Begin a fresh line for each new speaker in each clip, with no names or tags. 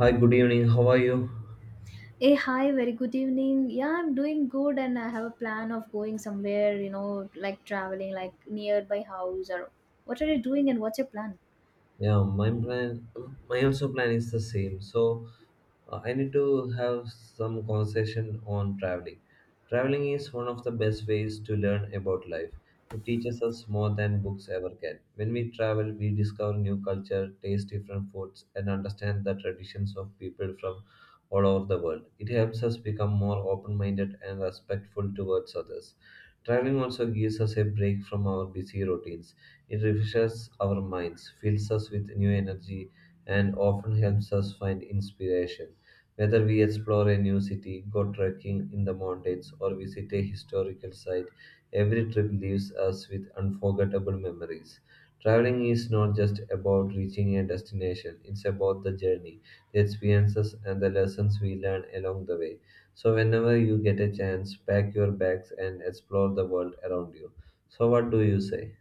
Hi, good evening. How are you?
Hey, hi, very good evening. Yeah, I'm doing good and I have a plan of going somewhere, like traveling, like nearby house or what are you doing and what's your plan?
Yeah, my plan, my also plan is the same. So, I need to have some conversation on traveling. Traveling is one of the best ways to learn about life. It teaches us more than books ever can. When we travel, we discover new culture, taste different foods, and understand the traditions of people from all over the world. It helps us become more open-minded and respectful towards others. Traveling also gives us a break from our busy routines. It refreshes our minds, fills us with new energy, and often helps us find inspiration. Whether we explore a new city, go trekking in the mountains, or visit a historical site, every trip leaves us with unforgettable memories. Traveling is not just about reaching a destination, it's about the journey, the experiences, and the lessons we learn along the way. So, whenever you get a chance, pack your bags and explore the world around you. So, what do you say?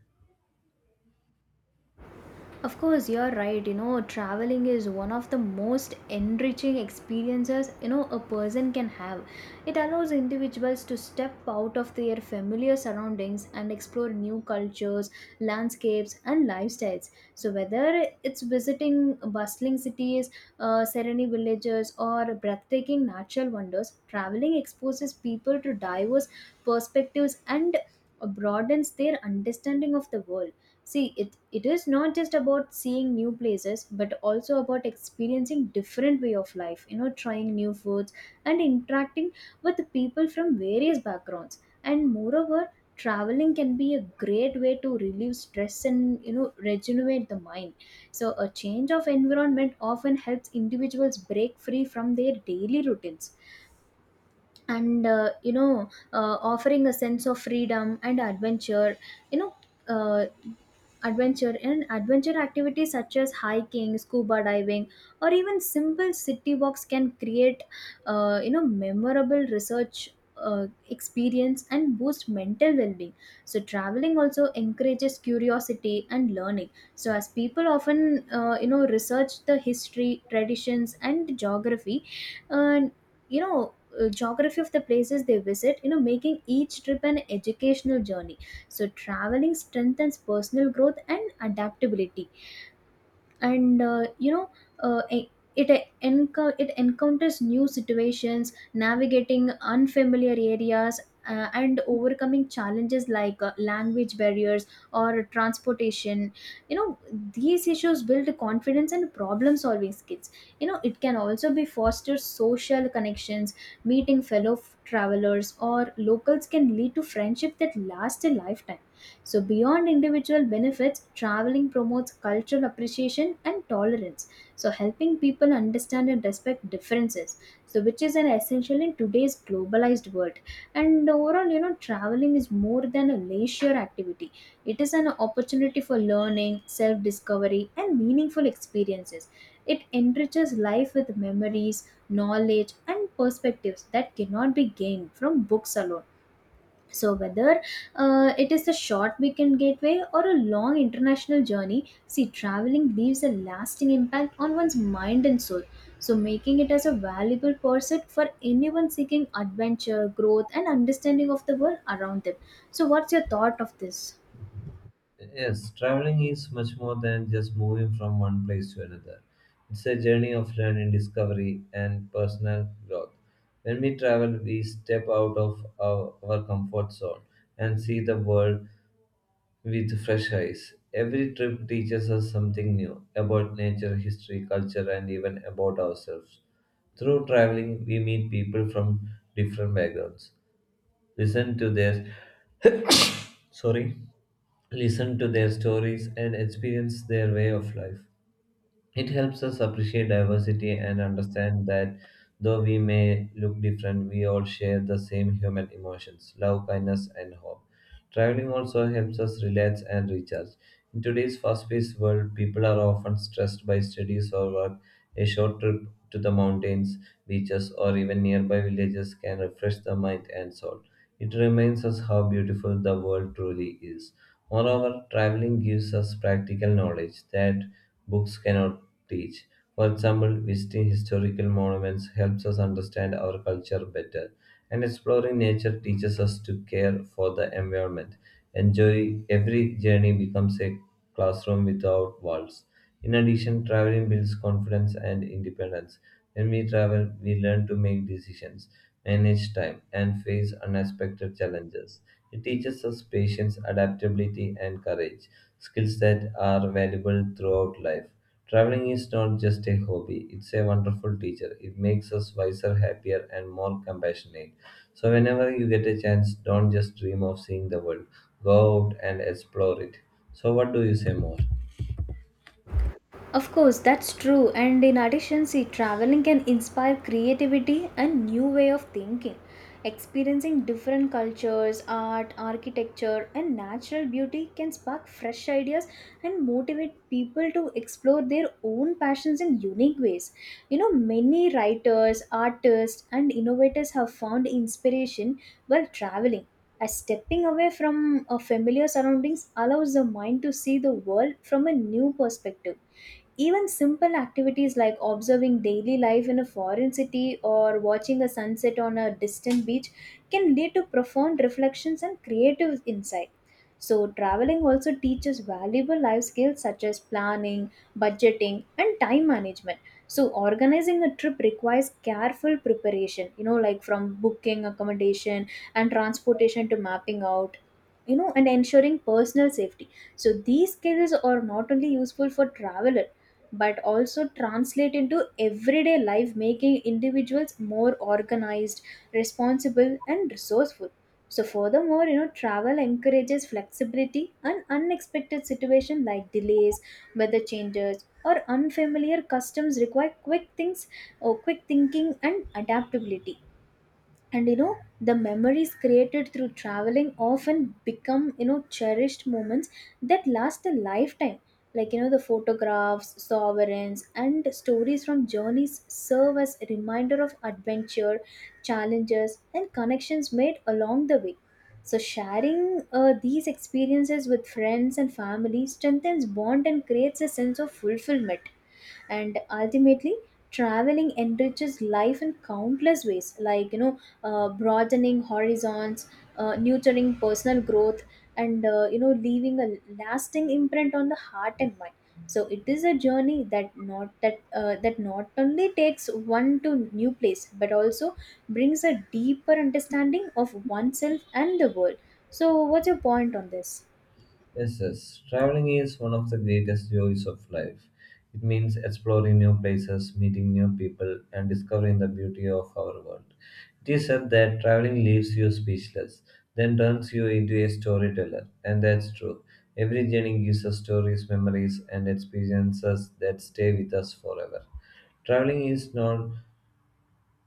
Of course, you're right. Traveling is one of the most enriching experiences, a person can have. It allows individuals to step out of their familiar surroundings and explore new cultures, landscapes, and lifestyles. So whether it's visiting bustling cities, serene villages, or breathtaking natural wonders, traveling exposes people to diverse perspectives and broadens their understanding of the world. See, it is not just about seeing new places, but also about experiencing different way of life, trying new foods and interacting with people from various backgrounds. And moreover, traveling can be a great way to relieve stress and, regenerate the mind. So a change of environment often helps individuals break free from their daily routines. And, offering a sense of freedom and adventure, you know, uh, adventure and adventure activities such as hiking, scuba diving, or even simple city walks can create, memorable research, experience and boost mental well-being. So traveling also encourages curiosity and learning, so as people often research the history, traditions, and geography, and you know geography of the places they visit, making each trip an educational journey. So traveling strengthens personal growth and adaptability, and uh, e- it encounters new situations, navigating unfamiliar areas, and overcoming challenges like language barriers or transportation. You know, these issues build confidence and problem solving skills. You know, it can also be foster social connections. Meeting travelers or locals can lead to friendship that last a lifetime. So, beyond individual benefits, traveling promotes cultural appreciation and tolerance, So, helping people understand and respect differences, So, which is an essential in today's globalized world. And overall, traveling is more than a leisure activity. It is an opportunity for learning, self discovery, and meaningful experiences. It enriches life with memories, knowledge, and perspectives that cannot be gained from books alone. So whether it is a short weekend gateway or a long international journey, see, traveling leaves a lasting impact on one's mind and soul, So, making it as a valuable pursuit for anyone seeking adventure, growth, and understanding of the world around them. So, what's your thought of this?
Yes, traveling is much more than just moving from one place to another. It's a journey of learning, discovery, and personal growth. When we travel, we step out of our comfort zone and see the world with fresh eyes. Every trip teaches us something new about nature, history, culture, and even about ourselves. Through traveling, we meet people from different backgrounds, listen to their sorry listen to their stories, and experience their way of life. It helps us appreciate diversity and understand that though we may look different, we all share the same human emotions: love, kindness, and hope. Traveling also helps us relax and recharge. In today's fast paced world, people are often stressed by studies or work. A short trip to the mountains, beaches, or even nearby villages can refresh the mind and soul. It reminds us how beautiful the world truly is. Moreover, traveling gives us practical knowledge that books cannot teach. For example, visiting historical monuments helps us understand our culture better, and exploring nature teaches us to care for the environment. Enjoy every journey becomes a classroom without walls. In addition, traveling builds confidence and independence. When we travel, we learn to make decisions, manage time, and face unexpected challenges. It teaches us patience, adaptability, and courage, skills that are valuable throughout life. Traveling is not just a hobby, it's a wonderful teacher. It makes us wiser, happier, and more compassionate. So, whenever you get a chance, don't just dream of seeing the world, go out and explore it. So, what do you say more?
Of course, that's true. And in addition, see, traveling can inspire creativity and new way of thinking. Experiencing different cultures, art, architecture, and natural beauty can spark fresh ideas and motivate people to explore their own passions in unique ways. Many writers, artists, and innovators have found inspiration while traveling, as stepping away from a familiar surroundings allows the mind to see the world from a new perspective. Even simple activities like observing daily life in a foreign city or watching a sunset on a distant beach can lead to profound reflections and creative insight. So, traveling also teaches valuable life skills such as planning, budgeting, and time management. So, organizing a trip requires careful preparation, like from booking accommodation and transportation to mapping out, and ensuring personal safety. So, these skills are not only useful for travelers but also translate into everyday life, making individuals more organized, responsible, and resourceful. So, furthermore, travel encourages flexibility, and unexpected situations like delays, weather changes, or unfamiliar customs require quick things, or quick thinking and adaptability. And the memories created through traveling often become, cherished moments that last a lifetime. Like, the photographs, sovereigns, and stories from journeys serve as a reminder of adventure, challenges, and connections made along the way. So sharing these experiences with friends and family strengthens bond and creates a sense of fulfillment. And ultimately, traveling enriches life in countless ways, like, broadening horizons, nurturing personal growth, and leaving a lasting imprint on the heart and mind. So it is a journey that not only takes one to new place, but also brings a deeper understanding of oneself and the world. So what's your point on this?
Yes, yes. Traveling is one of the greatest joys of life. It means exploring new places, meeting new people, and discovering the beauty of our world. It is said that traveling leaves you speechless, then turns you into a storyteller, and that's true. Every journey gives us stories, memories, and experiences that stay with us forever. Traveling is not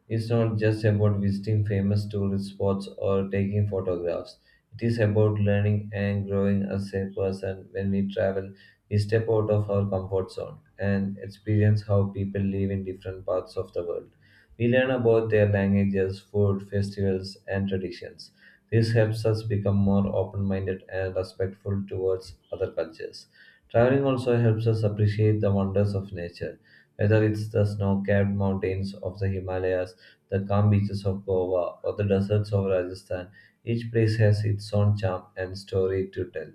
it's not just about visiting famous tourist spots or taking photographs. It is about learning and growing as a person. When we travel, we step out of our comfort zone and experience how people live in different parts of the world. We learn about their languages, food, festivals, and traditions. This helps us become more open minded and respectful towards other cultures. Traveling also helps us appreciate the wonders of nature, whether it's the snow capped mountains of the Himalayas, the calm beaches of Goa, or the deserts of Rajasthan. Each place has its own charm and story to tell.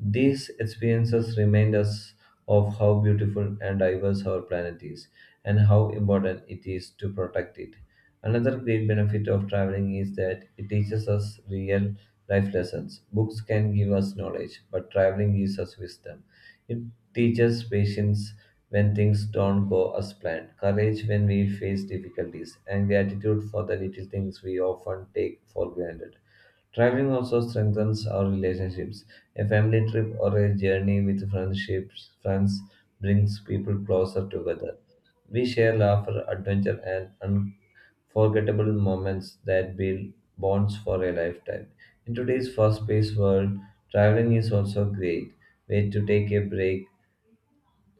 These experiences remind us of how beautiful and diverse our planet is and how important it is to protect it. Another great benefit of traveling is that it teaches us real life lessons. Books can give us knowledge, but traveling gives us wisdom. It teaches patience when things don't go as planned, courage when we face difficulties, and gratitude for the little things we often take for granted. Traveling also strengthens our relationships. A family trip or a journey with friendships, friends brings people closer together. We share laughter, adventure, and unforgettable moments that build bonds for a lifetime. In today's fast-paced world, traveling is also a great way to take a break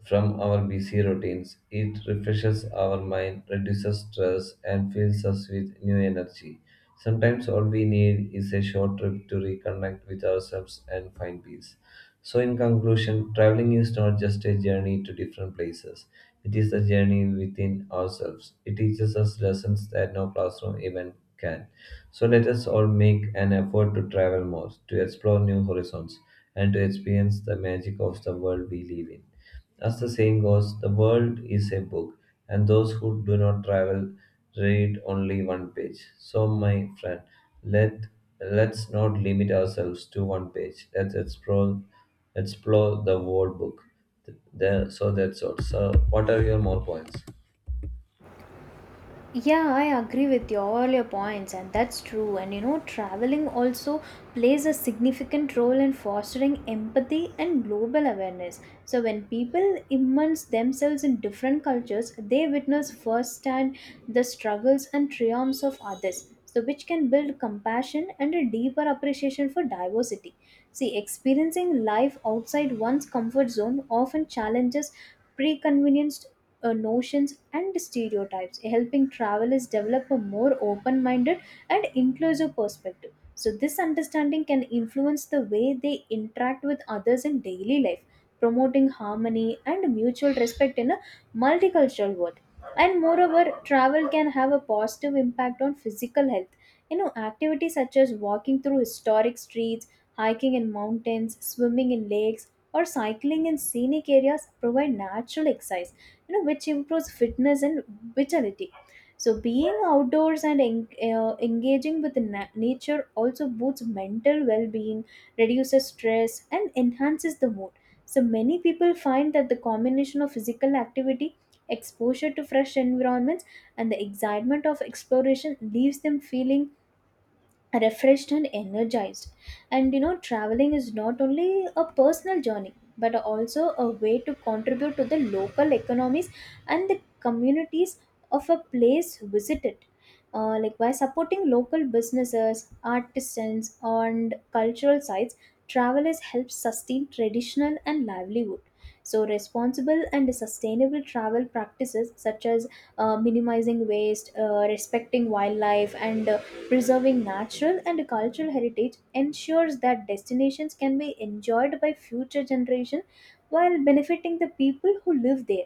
from our busy routines. It refreshes our mind, reduces stress, and fills us with new energy. Sometimes all we need is a short trip to reconnect with ourselves and find peace. So, in conclusion, traveling is not just a journey to different places, it is a journey within ourselves. It teaches us lessons that no classroom event can. So, let us all make an effort to travel more, to explore new horizons, and to experience the magic of the world we live in. As the saying goes, the world is a book, and those who do not travel read only one page. So, my friend, let let's not limit ourselves to one page. Let's explore the whole book. So that's all. So, what are your more points?
Yeah, I agree with your, all your points, and that's true. And traveling also plays a significant role in fostering empathy and global awareness. So, when people immerse themselves in different cultures, they witness firsthand the struggles and triumphs of others, So, which can build compassion and a deeper appreciation for diversity. See, experiencing life outside one's comfort zone often challenges preconvenienced notions and stereotypes, helping travelers develop a more open minded and inclusive perspective. So, this understanding can influence the way they interact with others in daily life, promoting harmony and mutual respect in a multicultural world. And moreover, travel can have a positive impact on physical health. Activities such as walking through historic streets, hiking in mountains, swimming in lakes, or cycling in scenic areas provide natural exercise, which improves fitness and vitality. So being outdoors and engaging with nature also boosts mental well-being, reduces stress, and enhances the mood. So many people find that the combination of physical activity, exposure to fresh environments, and the excitement of exploration leaves them feeling refreshed and energized. And traveling is not only a personal journey but also a way to contribute to the local economies and the communities of a place visited, like by supporting local businesses, artisans, and cultural sites. Travelers help sustain traditional and livelihood. So responsible and sustainable travel practices such as minimizing waste, respecting wildlife, and preserving natural and cultural heritage ensures that destinations can be enjoyed by future generations while benefiting the people who live there.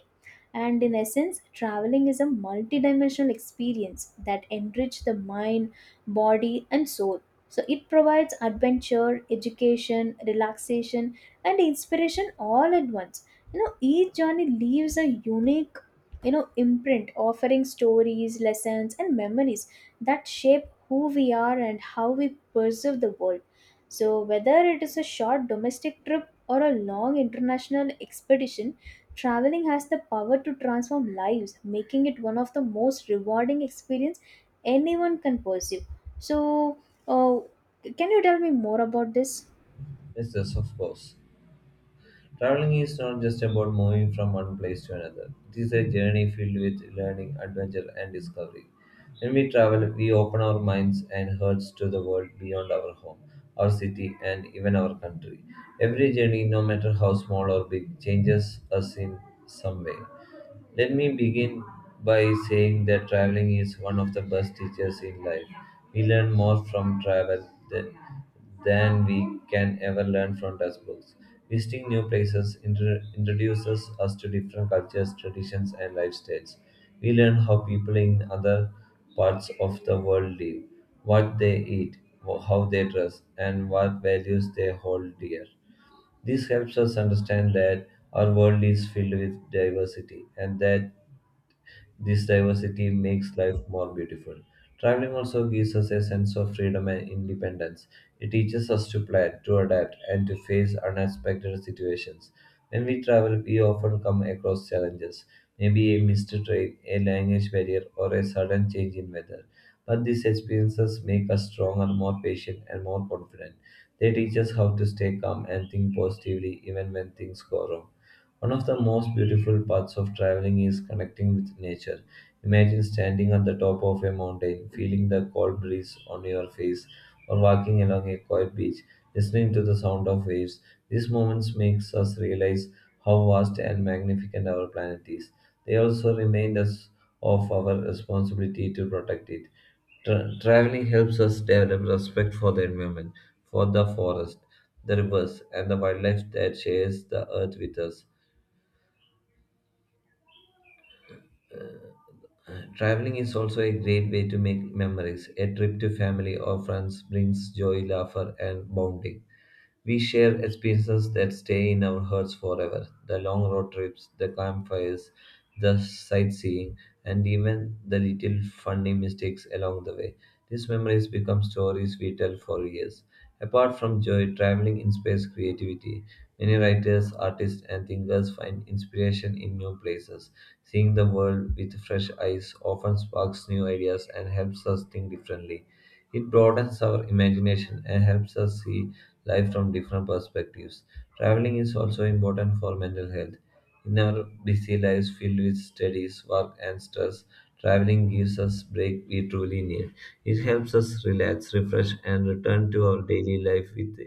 And in essence, traveling is a multidimensional experience that enriches the mind, body, and soul. So it provides adventure, education, relaxation, and inspiration all at once. Each journey leaves a unique, imprint, offering stories, lessons, and memories that shape who we are and how we perceive the world. So whether it is a short domestic trip or a long international expedition, traveling has the power to transform lives, making it one of the most rewarding experience anyone can pursue. So, uh, can you tell me more about this?
Yes, yes, of course. Traveling is not just about moving from one place to another. It is a journey filled with learning, adventure, and discovery. When we travel, we open our minds and hearts to the world beyond our home, our city, and even our country. Every journey, no matter how small or big, changes us in some way. Let me begin by saying that traveling is one of the best teachers in life. We learn more from travel than we can ever learn from textbooks. Visiting new places introduces us to different cultures, traditions, and lifestyles. We learn how people in other parts of the world live, what they eat, how they dress, and what values they hold dear. This helps us understand that our world is filled with diversity and that this diversity makes life more beautiful. Traveling also gives us a sense of freedom and independence. It teaches us to plan, to adapt, and to face unexpected situations. When we travel, we often come across challenges, maybe a missed train, a language barrier, or a sudden change in weather. But these experiences make us stronger, more patient, and more confident. They teach us how to stay calm and think positively even when things go wrong. One of the most beautiful parts of traveling is connecting with nature. Imagine standing at the top of a mountain, feeling the cold breeze on your face, or walking along a quiet beach, listening to the sound of waves. These moments makes us realize how vast and magnificent our planet is. They also remind us of our responsibility to protect it. Traveling helps us develop respect for the environment, for the forest, the rivers, and the wildlife that shares the earth with us. Traveling is also a great way to make memories. A trip to family or friends brings joy, laughter, and bonding. We share experiences that stay in our hearts forever: the long road trips, the campfires, the sightseeing, and even the little funny mistakes along the way. These memories become stories we tell for years. Apart from joy, traveling inspires creativity. Many writers, artists, and thinkers find inspiration in new places. Seeing the world with fresh eyes often sparks new ideas and helps us think differently. It broadens our imagination and helps us see life from different perspectives. Traveling is also important for mental health. In our busy lives filled with studies, work, and stress, traveling gives us break we truly need. It helps us relax, refresh, and return to our daily life with,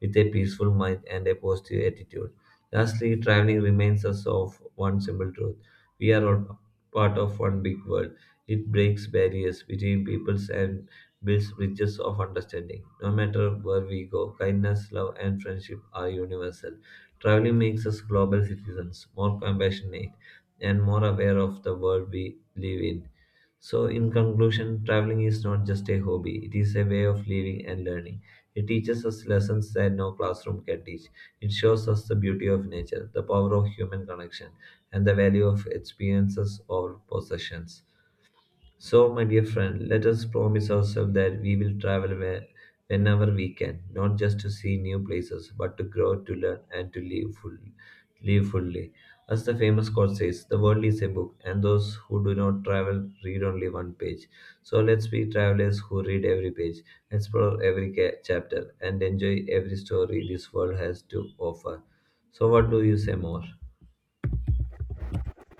with a peaceful mind and a positive attitude. Lastly, traveling reminds us of one simple truth. We are all part of one big world. It breaks barriers between peoples and builds bridges of understanding. No matter where we go, kindness, love, and friendship are universal. Traveling makes us global citizens, more compassionate, and more aware of the world we live in. So, in conclusion, traveling is not just a hobby, it is a way of living and learning. It teaches us lessons that no classroom can teach. It shows us the beauty of nature, the power of human connection, and the value of experiences or possessions. So, my dear friend, let us promise ourselves that we will travel whenever we can, not just to see new places, but to grow, to learn, and to live fully. Live fully. As the famous quote says, the world is a book, and those who do not travel read only one page. So let's be travelers who read every page, explore every chapter, and enjoy every story this world has to offer. So, what do you say more?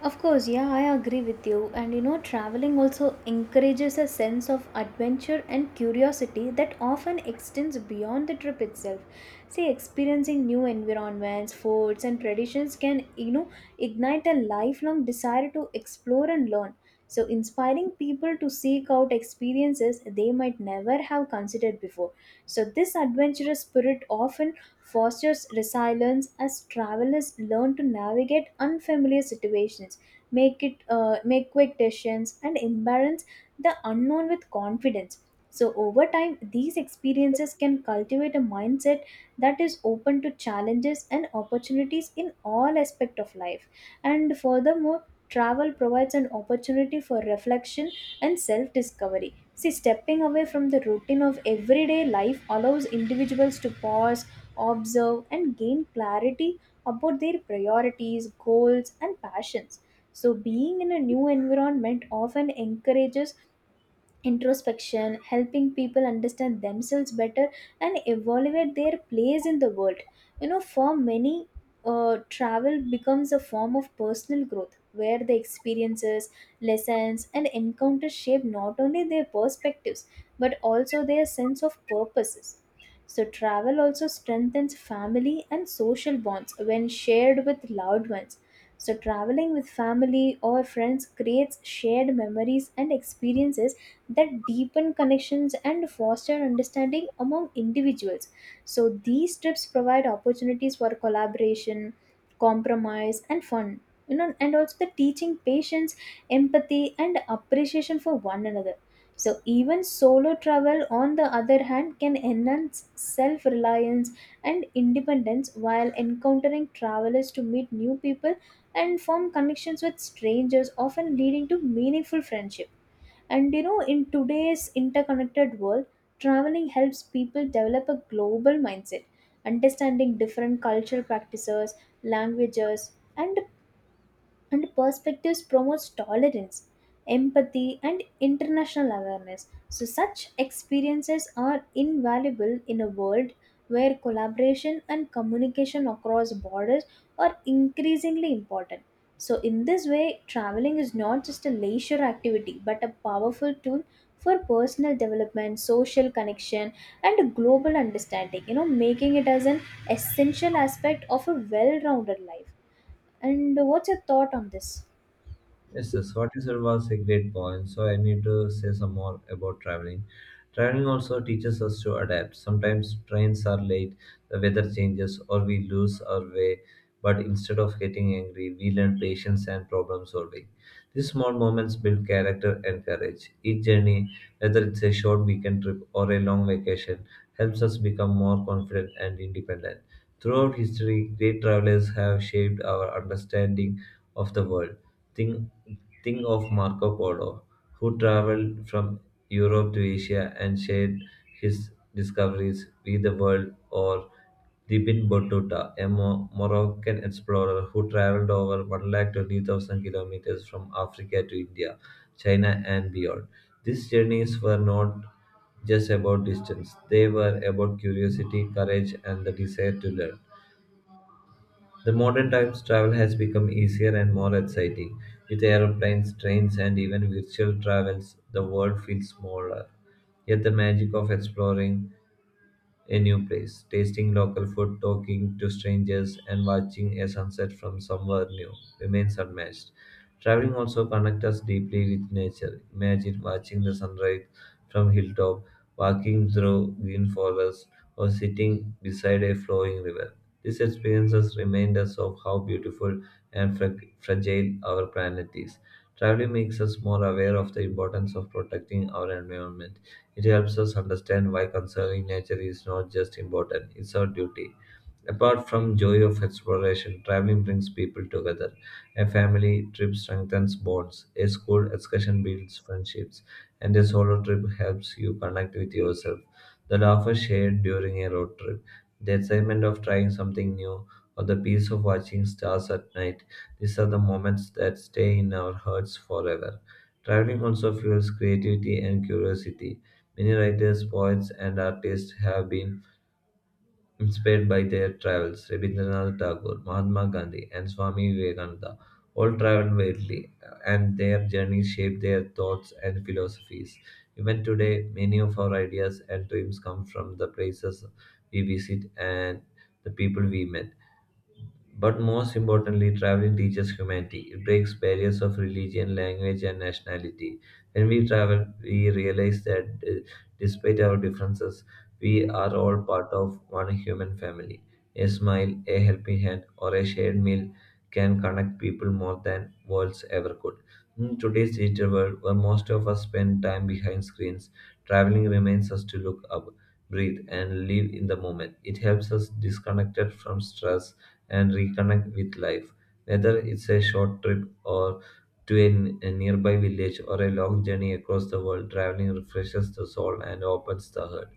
Of course, yeah, I agree with you. And traveling also encourages a sense of adventure and curiosity that often extends beyond the trip itself. See, experiencing new environments, foods, and traditions can, ignite a lifelong desire to explore and learn, So, inspiring people to seek out experiences they might never have considered before. So, this adventurous spirit often fosters resilience as travelers learn to navigate unfamiliar situations, make quick decisions, and embrace the unknown with confidence. So over time, these experiences can cultivate a mindset that is open to challenges and opportunities in all aspects of life. And furthermore, travel provides an opportunity for reflection and self-discovery. See, stepping away from the routine of everyday life allows individuals to pause, observe, and gain clarity about their priorities, goals, and passions. So, being in a new environment often encourages introspection, helping people understand themselves better and evaluate their place in the world. For many, travel becomes a form of personal growth where the experiences, lessons, and encounters shape not only their perspectives but also their sense of purposes. So, travel also strengthens family and social bonds when shared with loved ones. So, traveling with family or friends creates shared memories and experiences that deepen connections and foster understanding among individuals. So, these trips provide opportunities for collaboration, compromise, and fun. And also the teaching patience, empathy, and appreciation for one another. So, even solo travel, on the other hand, can enhance self reliance and independence while encountering travelers to meet new people and form connections with strangers, often leading to meaningful friendship. And in today's interconnected world, traveling helps people develop a global mindset. Understanding different cultural practices, languages, and, and perspectives promotes tolerance, empathy, and international awareness. So, such experiences are invaluable in a world where collaboration and communication across borders are increasingly important. So, in this way, traveling is not just a leisure activity but a powerful tool for personal development, social connection, and a global understanding, making it as an essential aspect of a well rounded life. And what's your thought on this?
Yes, yes, what you said was a great point. So I need to say some more about traveling. Traveling also teaches us to adapt. Sometimes trains are late, the weather changes, or we lose our way. But instead of getting angry, we learn patience and problem solving. These small moments build character and courage. Each journey, whether it's a short weekend trip or a long vacation, helps us become more confident and independent. Throughout history, great travelers have shaped our understanding of the world. Think, think of Marco Polo, who traveled from Europe to Asia and shared his discoveries with the world, or Ibn Battuta, a Moroccan explorer who traveled over 120,000 kilometers from Africa to India, China, and beyond. These journeys were not just about distance, they were about curiosity, courage, and the desire to learn. The modern times travel has become easier and more exciting. With aeroplanes, trains, and even virtual travels, the world feels smaller. Yet the magic of exploring a new place, tasting local food, talking to strangers, and watching a sunset from somewhere new remains unmatched. Traveling also connects us deeply with nature. Imagine watching the sunrise from hilltop, walking through green forests, or sitting beside a flowing river. These experiences remind us of how beautiful and fragile our planet is. Traveling makes us more aware of the importance of protecting our environment, it helps us understand why conserving nature is not just important, it's our duty. Apart from joy of exploration, traveling brings people together. A family trip strengthens bonds, a school excursion builds friendships, and a solo trip helps you connect with yourself. The laughter shared during a road trip, the excitement of trying something new, or the peace of watching stars at night, these are the moments that stay in our hearts forever. Traveling also fuels creativity and curiosity. Many writers, poets, and artists have been inspired by their travels. Rabindranath Tagore, Mahatma Gandhi, and Swami Vivekananda all traveled widely, and their journeys shaped their thoughts and philosophies. Even today, many of our ideas and dreams come from the places we visit and the people we met. But most importantly, traveling teaches humanity. It breaks barriers of religion, language, and nationality. When we travel, we realize that despite our differences, we are all part of one human family. A smile, a helping hand, or a shared meal can connect people more than worlds ever could. In today's digital world, where most of us spend time behind screens, traveling reminds us to look up, breathe, and live in the moment. It helps us disconnected from stress and reconnect with life. Whether it's a short trip or to a nearby village or a long journey across the world, traveling refreshes the soul and opens the heart.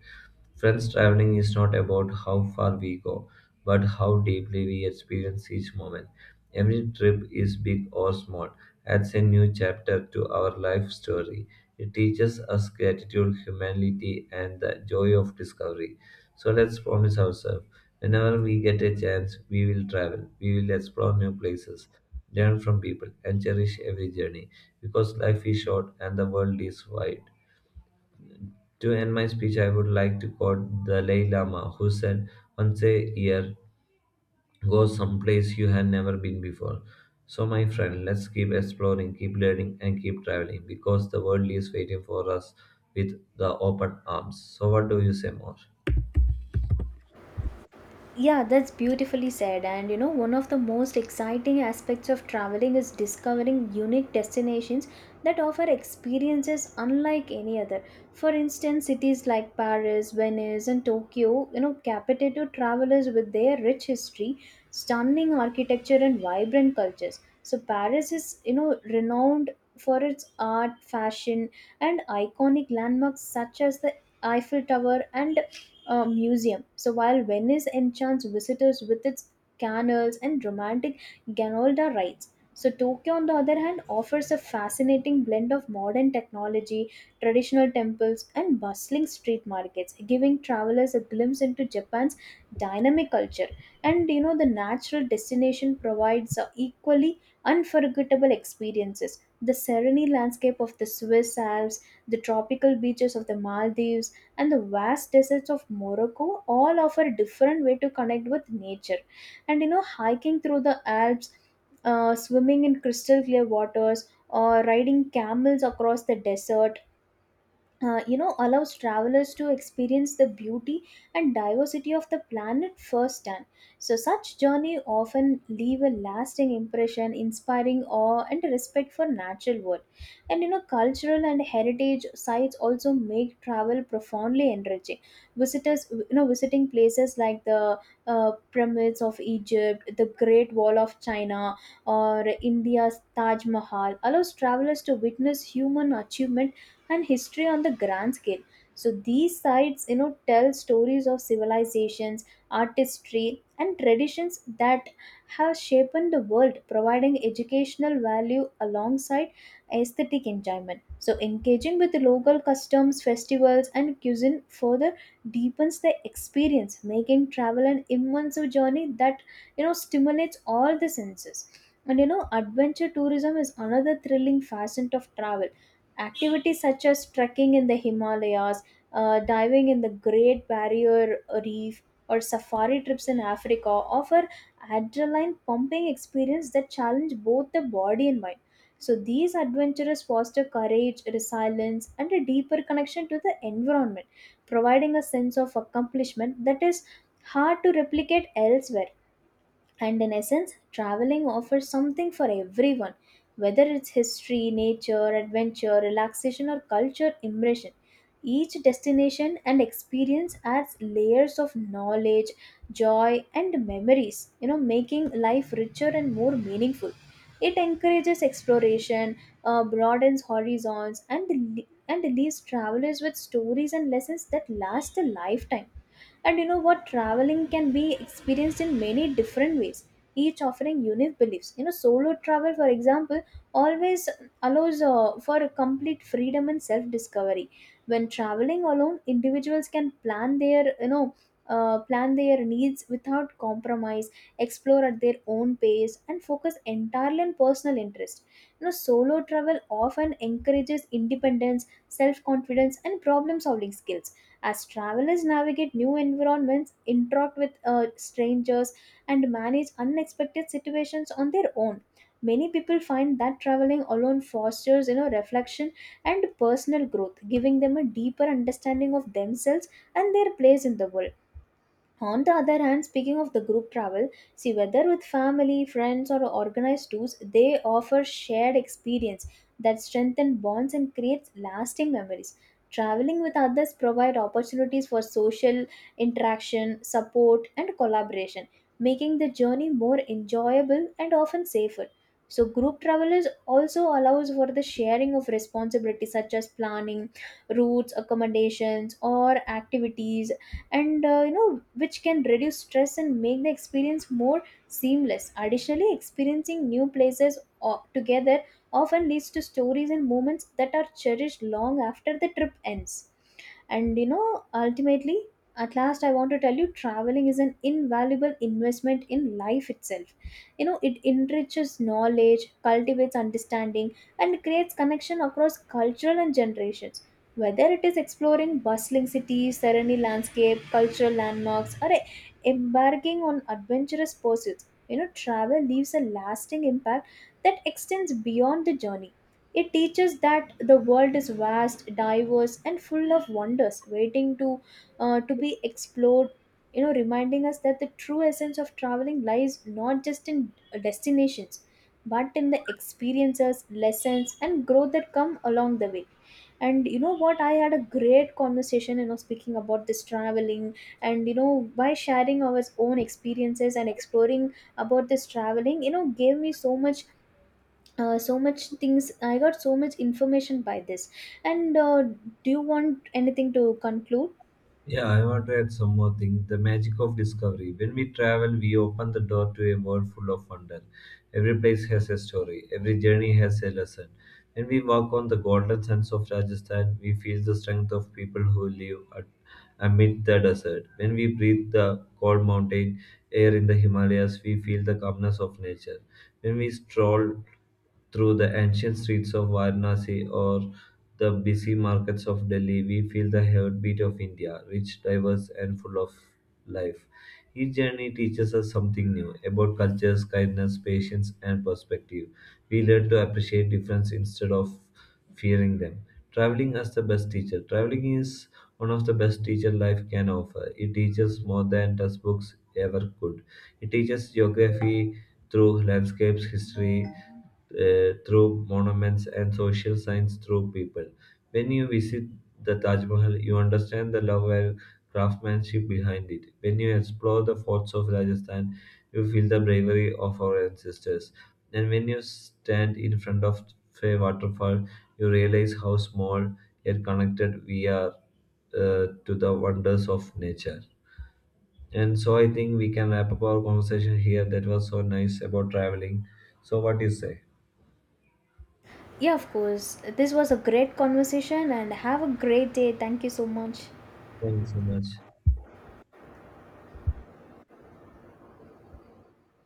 Friends, traveling is not about how far we go, but how deeply we experience each moment. Every trip is big or small, adds a new chapter to our life story. It teaches us gratitude, humanity, and the joy of discovery. So let's promise ourselves, whenever we get a chance, we will travel, we will explore new places, learn from people, and cherish every journey, because life is short and the world is wide. To end my speech, I would like to quote the Dalai Lama, who said, "Once a year, go someplace you have never been before." So, my friend, let's keep exploring, keep learning, and keep traveling, because the world is waiting for us with the open arms. So, what do you say more?
Yeah, that's beautifully said. And one of the most exciting aspects of traveling is discovering unique destinations that offer experiences unlike any other. For instance, cities like Paris, Venice, and Tokyo, capitate to travelers with their rich history, stunning architecture, and vibrant cultures. So, Paris is, renowned for its art, fashion, and iconic landmarks such as the Eiffel Tower and museum. So while Venice enchants visitors with its canals and romantic gondola rides, so Tokyo, on the other hand, offers a fascinating blend of modern technology, traditional temples, and bustling street markets, giving travelers a glimpse into Japan's dynamic culture. The natural destination provides equally unforgettable experiences. The serene landscape of the Swiss Alps, the tropical beaches of the Maldives, and the vast deserts of Morocco all offer a different way to connect with nature. Hiking through the Alps, swimming in crystal clear waters, or riding camels across the desert allows travelers to experience the beauty and diversity of the planet firsthand. So such journey often leave a lasting impression, inspiring awe and respect for natural world. And cultural and heritage sites also make travel profoundly enriching. Visitors visiting places like the pyramids of Egypt, the Great Wall of China, or India's Taj Mahal allows travelers to witness human achievement and history on the grand scale. So these sites tell stories of civilizations, artistry, and traditions that have shaped the world, providing educational value alongside aesthetic enjoyment. So engaging with local customs, festivals, and cuisine further deepens the experience, making travel an immersive journey that stimulates all the senses. And you know Adventure tourism is another thrilling facet of travel. Activities such as trekking in the Himalayas, diving in the Great Barrier Reef, or safari trips in Africa offer adrenaline pumping experience that challenge both the body and mind. So these adventures foster courage, resilience, and a deeper connection to the environment, providing a sense of accomplishment that is hard to replicate elsewhere. And in essence, traveling offers something for everyone, whether it's history, nature, adventure, relaxation, or culture immersion. Each destination and experience adds layers of knowledge, joy, and memories, making life richer and more meaningful. It encourages exploration, broadens horizons, and leaves travelers with stories and lessons that last a lifetime. And you know what? Traveling can be experienced in many different ways, each offering unique beliefs. Solo travel, for example, always allows for complete freedom and self discovery. When traveling alone, individuals can plan their needs without compromise, explore at their own pace, and focus entirely on personal interest. Solo travel often encourages independence, self confidence, and problem solving skills as travelers navigate new environments, interact with strangers, and manage unexpected situations on their own. Many people find that traveling alone fosters reflection and personal growth, giving them a deeper understanding of themselves and their place in the world. On the other hand, speaking of the group travel, see whether with family, friends, or organized tours, they offer shared experience that strengthen bonds and creates lasting memories. Traveling with others provide opportunities for social interaction, support, and collaboration, making the journey more enjoyable and often safer. So group travel is also allows for the sharing of responsibilities such as planning, routes, accommodations, or activities and which can reduce stress and make the experience more seamless. Additionally, experiencing new places together often leads to stories and moments that are cherished long after the trip ends. And ultimately, at last, I want to tell you traveling is an invaluable investment in life itself. It enriches knowledge, cultivates understanding, and creates connection across cultural and generations. Whether it is exploring bustling cities, serene landscape, cultural landmarks, or embarking on adventurous pursuits, travel leaves a lasting impact that extends beyond the journey. It teaches that the world is vast, diverse, and full of wonders waiting to be explored. Reminding us that the true essence of traveling lies not just in destinations, but in the experiences, lessons, and growth that come along the way. And you know what? I had a great conversation, speaking about this traveling and by sharing our own experiences and exploring about this traveling, gave me so much things I got so much information by this and do you want anything to conclude?
Yeah, I want to add some more thing. The magic of discovery. When we travel, we open the door to a world full of wonder. Every place has a story. Every journey has a lesson. When we walk on the golden sands of Rajasthan, we feel the strength of people who live at, amid the desert. When we breathe the cold mountain air in the Himalayas, we feel the calmness of nature. When we stroll through the ancient streets of Varanasi or the busy markets of Delhi, we feel the heartbeat of India, rich, diverse, and full of life. Each journey teaches us something new about cultures, kindness, patience, and perspective. We learn to appreciate difference instead of fearing them. Traveling as the best teacher. Traveling is one of the best teacher life can offer. It teaches more than textbooks ever could. It teaches geography through landscapes, history through monuments, and social science through people. When you visit the Taj Mahal, you understand the love and craftsmanship behind it. When you explore the forts of Rajasthan, you feel the bravery of our ancestors. And when you stand in front of a waterfall, you realize how small yet connected we are to the wonders of nature. And so I think we can wrap up our conversation here. That was so nice about traveling. So what do you say?
Yeah, of course. This was a great conversation and have a great day. Thank you so much.
Thank you so much.